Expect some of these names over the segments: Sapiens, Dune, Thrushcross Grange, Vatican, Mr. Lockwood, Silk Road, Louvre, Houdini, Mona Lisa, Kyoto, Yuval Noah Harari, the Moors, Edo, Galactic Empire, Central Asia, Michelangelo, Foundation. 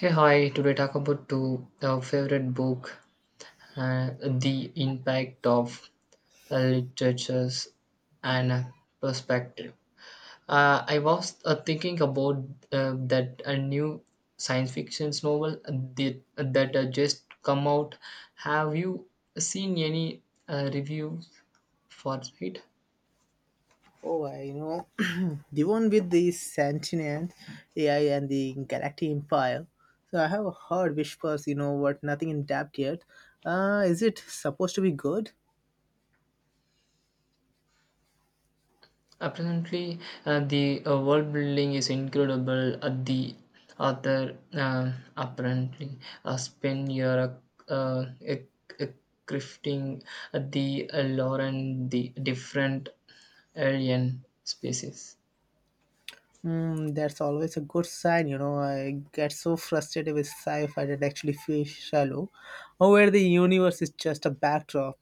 Hey, hi. Today talk about two our favorite book, uh, the impact of literatures and perspective. I was thinking about that a new science fiction novel that just come out. Have you seen any reviews for it? Oh, I. The one with the sentient AI and the Galactic Empire. So I have heard whispers, you know, what nothing in depth yet. Is it supposed to be good? Apparently, the world building is incredible. The author apparently spent year uh, e- e- crafting the lore and the different alien species. Mm, that's always a good sign, you know. I get so frustrated with sci fi that actually feels shallow, or where the universe is just a backdrop.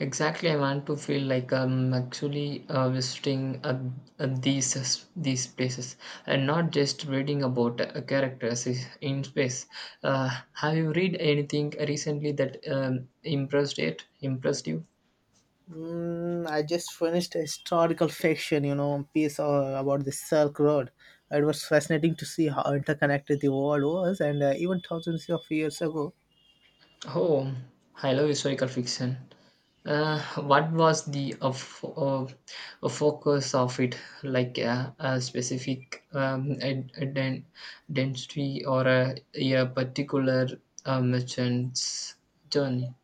Exactly, I want to feel like I'm actually visiting uh, these uh, these places and not just reading about characters in space. Uh, have you read anything recently that impressed it? Impressed you? I just finished a historical fiction, you know, piece about the Silk Road. It was fascinating to see how interconnected the world was, and even thousands of years ago. Oh, I love historical fiction. What was the uh, focus of it? Like a specific dentistry or a particular merchant's journey?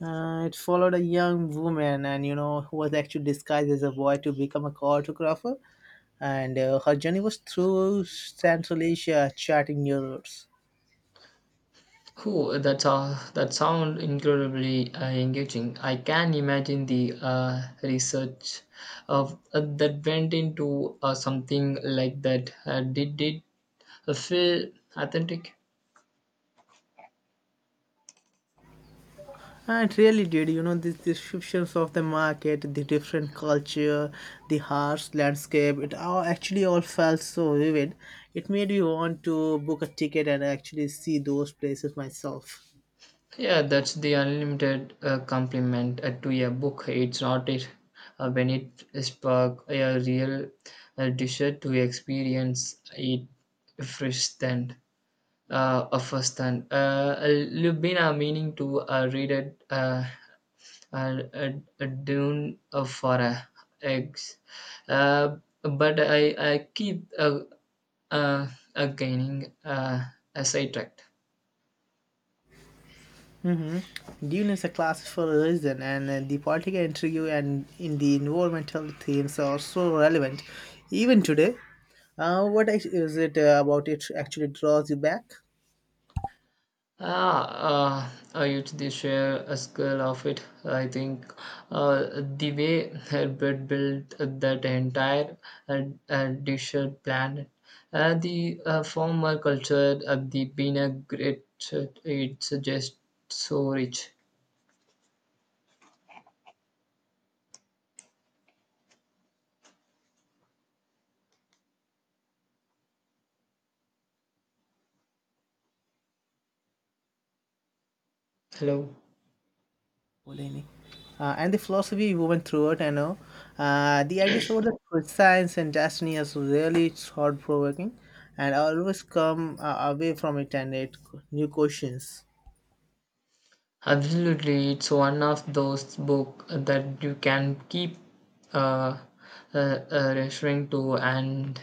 It followed a young woman, who was actually disguised as a boy to become a cartographer, and her journey was through Central Asia, charting new routes. Oh, that's all. That sound incredibly engaging. I can imagine the research of that went into something like that. Did it feel authentic? Ah, it really did, you know, these descriptions of the market, the different culture, the harsh landscape, it all actually all felt so vivid. It made me want to book a ticket and actually see those places myself. Yeah, that's the unlimited compliment to a book. It's not it when it spark a real desire to experience it first than first and you've been meaning to read it uh, uh, Dune for eggs, uh, but I keep uh, gaining sidetracked. Dune is a classic for a reason, and the political intrigue and in the environmental themes are so relevant even today. Is it about it actually draws you back? Ah, uh, I used to share a scale of it. I think the way Herbert built that entire uh, desert planet, the former culture of the being a great, it's just so rich. Hello. Houdini. And the philosophy you went through it, I know. The ideas about the science and destiny is really thought provoking, and I always come away from it and it new questions. Absolutely, it's one of those book that you can keep uh, uh, referring to and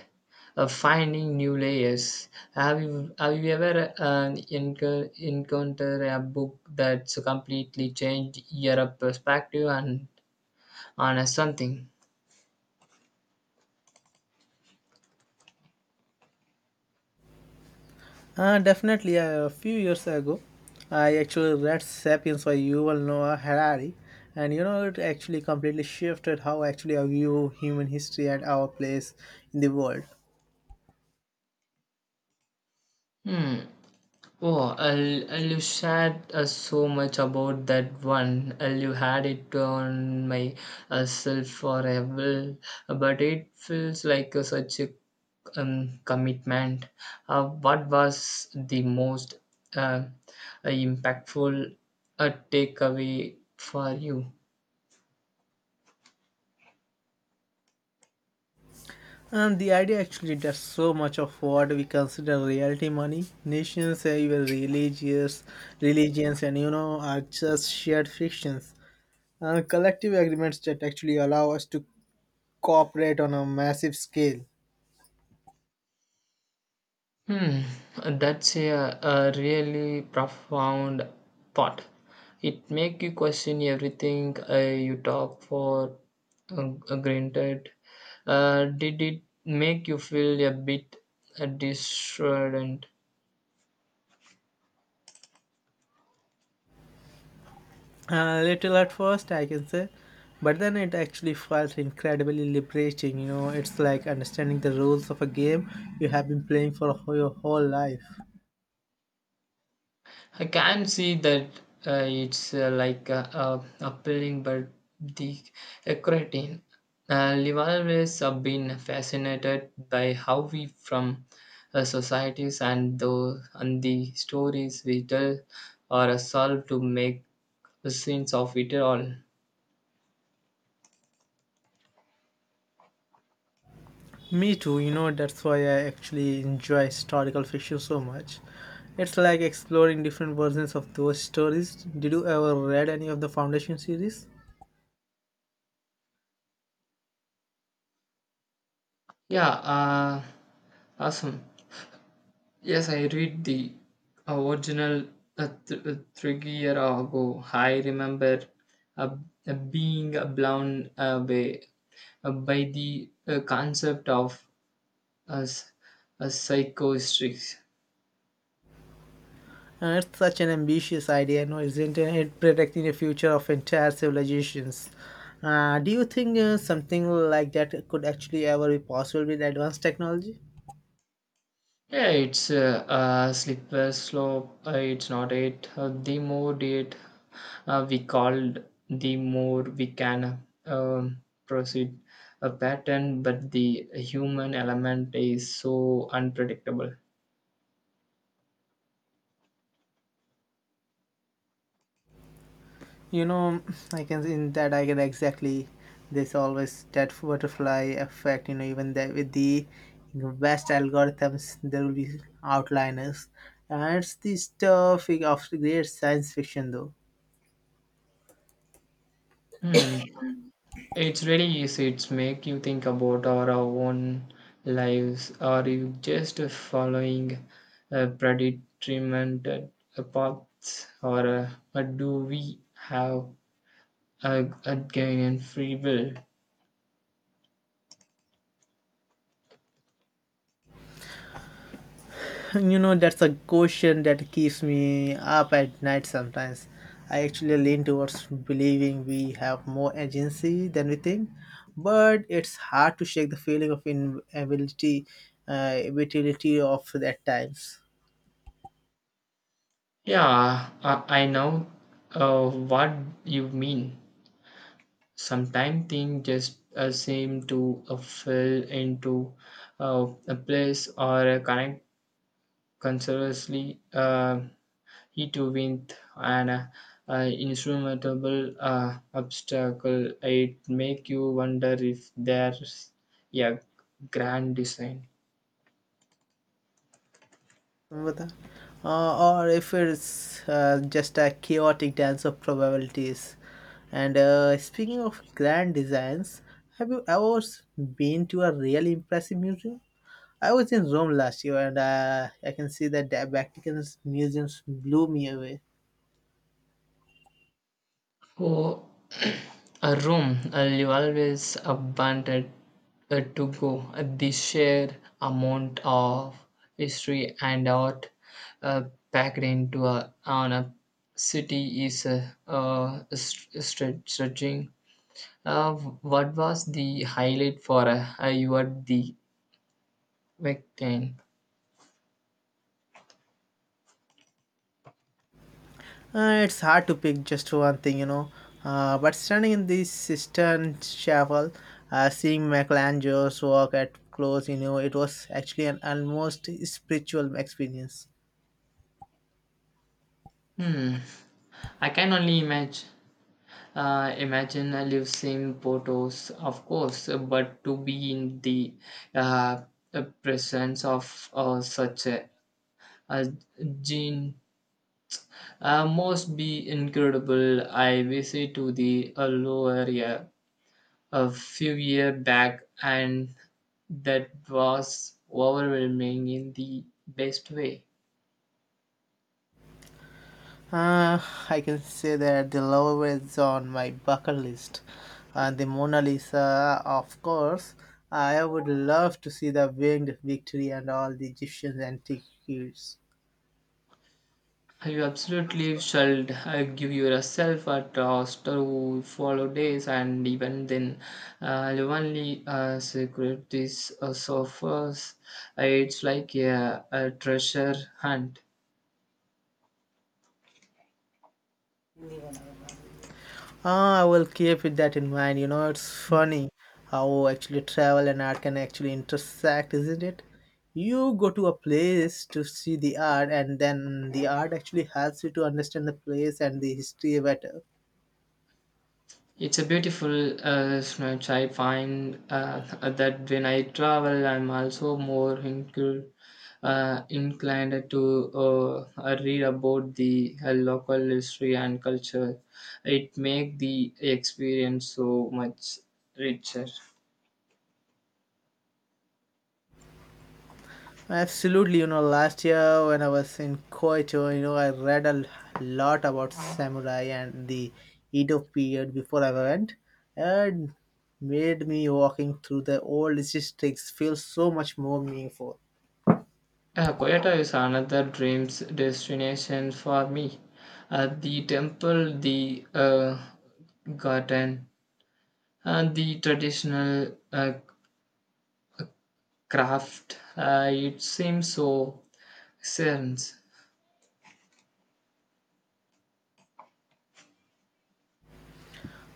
finding new layers. Have you ever encounter a book that's completely changed your perspective and on something? Definitely, a few years ago, I actually read *Sapiens* by Yuval Noah Harari, and you know it actually completely shifted how actually I view human history and our place in the world. Hmm. Oh, I'll you shared so much about that one. I'll you had it on my self forever, but it feels like such a commitment. What was the most uh, impactful takeaway for you? And the idea actually does so much of what we consider reality money. Nations, even religious religions, and you know, are just shared fictions. Collective agreements that actually allow us to cooperate on a massive scale. Hmm, that's a really profound thought. It make you question everything you talk for granted. Did it make you feel a bit disheartened? Little at first, I can say, but then it actually felt incredibly liberating. You know, it's like understanding the rules of a game you have been playing for your whole life. I can see that it's like appealing, but the creatine. I've always been fascinated by how we from societies and and the stories we tell or solve to make sense of it all. Me too, you know, that's why I actually enjoy historical fiction so much. It's like exploring different versions of those stories. Did you ever read any of the Foundation series? Yeah, awesome. Yes, I read the original a 3 year ago. I remember uh, being blown away by the concept of a, s- a psychostrix. And it's such an ambitious idea, no, isn't it? It predicting the future of entire civilizations. Do you think something like that could actually ever be possible with advanced technology? Yeah, it's a slipper slope. It's not it. The more it we called, the more we can proceed a pattern, but the human element is so unpredictable. You know, I can in that I can exactly this always that butterfly effect. You know, even that with the best algorithms, there will be outliners, and it's the stuff of great science fiction, though. Hmm. It's really easy. It's make you think about our own lives. Are you just following a predetermined paths, or do we have a gain in free will? You know, that's a question that keeps me up at night sometimes. I actually lean towards believing we have more agency than we think, but it's hard to shake the feeling of inability, inutility of at times. Yeah, I know what you mean. Sometimes things just seem to fill into a place or connect continuously. He too went an insurmountable obstacle. It make you wonder if there's a grand design. But, or if it's just a chaotic dance of probabilities. And speaking of grand designs, have you been to a really impressive museum? I was in Rome last year, and I can see that the Vatican's museums blew me away. Oh, a room you always wanted to go. The sheer amount of history and art uh, packed into on a city is stretching. Uh, what was the highlight for you at the weekend? It's hard to pick just one thing, you know. But standing in the cistern chapel, seeing Michelangelo's work at close, you know, it was actually an almost spiritual experience. Hmm. I can only imagine. Imagine I live same photos, of course, but to be in the uh, presence of such a gene must be incredible. I visited to the low area a few year back, and that was overwhelming in the best way. Uh, I can say that the Louvre is on my bucket list, and the Mona Lisa, of course. I would love to see the winged victory and all the Egyptian antiquities. You absolutely shall give yourself a trust to follow days, and even then, only secret this suffers. It's like a treasure hunt. Ah, I will keep it that in mind. You know, it's funny how actually travel and art can actually intersect, isn't it? You go to a place to see the art, and then the art actually helps you to understand the place and the history better. It's a beautiful snatch. I find that when I travel, I'm also more inclined to read about the local history and culture. It makes the experience so much richer. Absolutely, you know, last year when I was in Kyoto, you know, I read a lot about samurai and the Edo period before I went, and made me walking through the old districts feel so much more meaningful. Kyoto is another dreams destination for me. The temple, the garden, and the traditional craft. It seems so sense.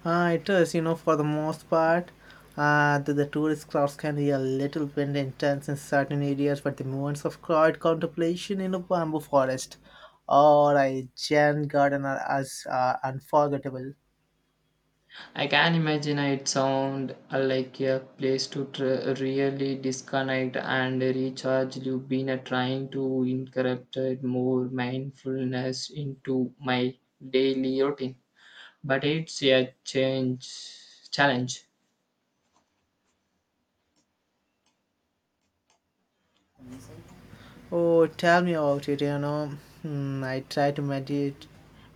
It is, you know, for the most part, the tourist crowds can be a little bit intense in certain areas, but the moments of quiet contemplation in a bamboo forest or a Zen garden are as unforgettable. I can imagine it sound like a place to really disconnect and recharge. You've been trying to incorporate more mindfulness into my daily routine, but it's a change challenge. Oh, tell me about it, you know. I try to meditate,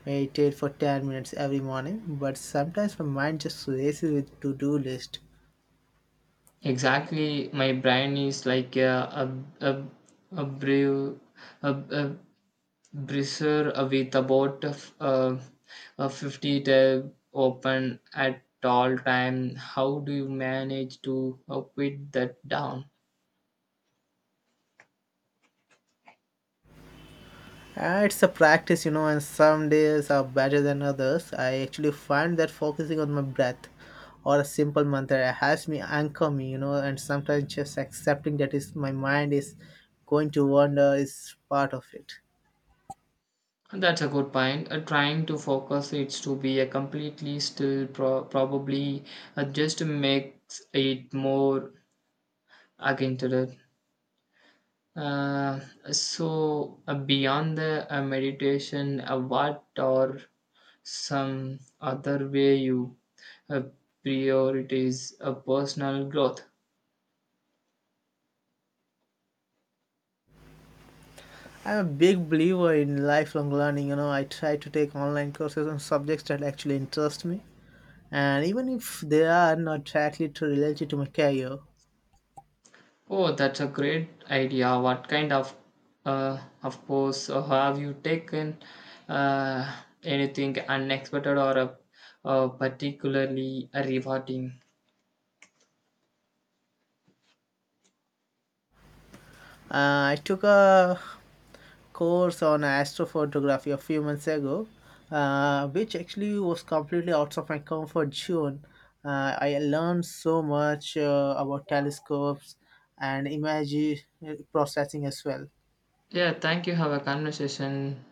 meditate for 10 minutes every morning, but sometimes my mind just races with to-do list. Exactly, my brain is like a a, a brew a Brazier with about uh, 50 tab open at all time. How do you manage to quit that down? It's a practice, you know, and some days are better than others. I actually find that focusing on my breath or a simple mantra helps me anchor me, you know, and sometimes just accepting that is my mind is going to wander is part of it. That's a good point. Trying to focus it to be a completely still probably just makes it more againted. Uh, so beyond the meditation, what are some other way you uh, prioritize a personal growth. I'm a big believer in lifelong learning, you know, I try to take online courses on subjects that actually interest me. And even if they are not directly to related to my career, Oh, that's a great idea. What kind of course have you taken uh, anything unexpected or particularly rewarding? I took a course on astrophotography a few months ago, which actually was completely out of my comfort zone. I learned so much about telescopes and image processing as well. Yeah, thank you. Have a conversation.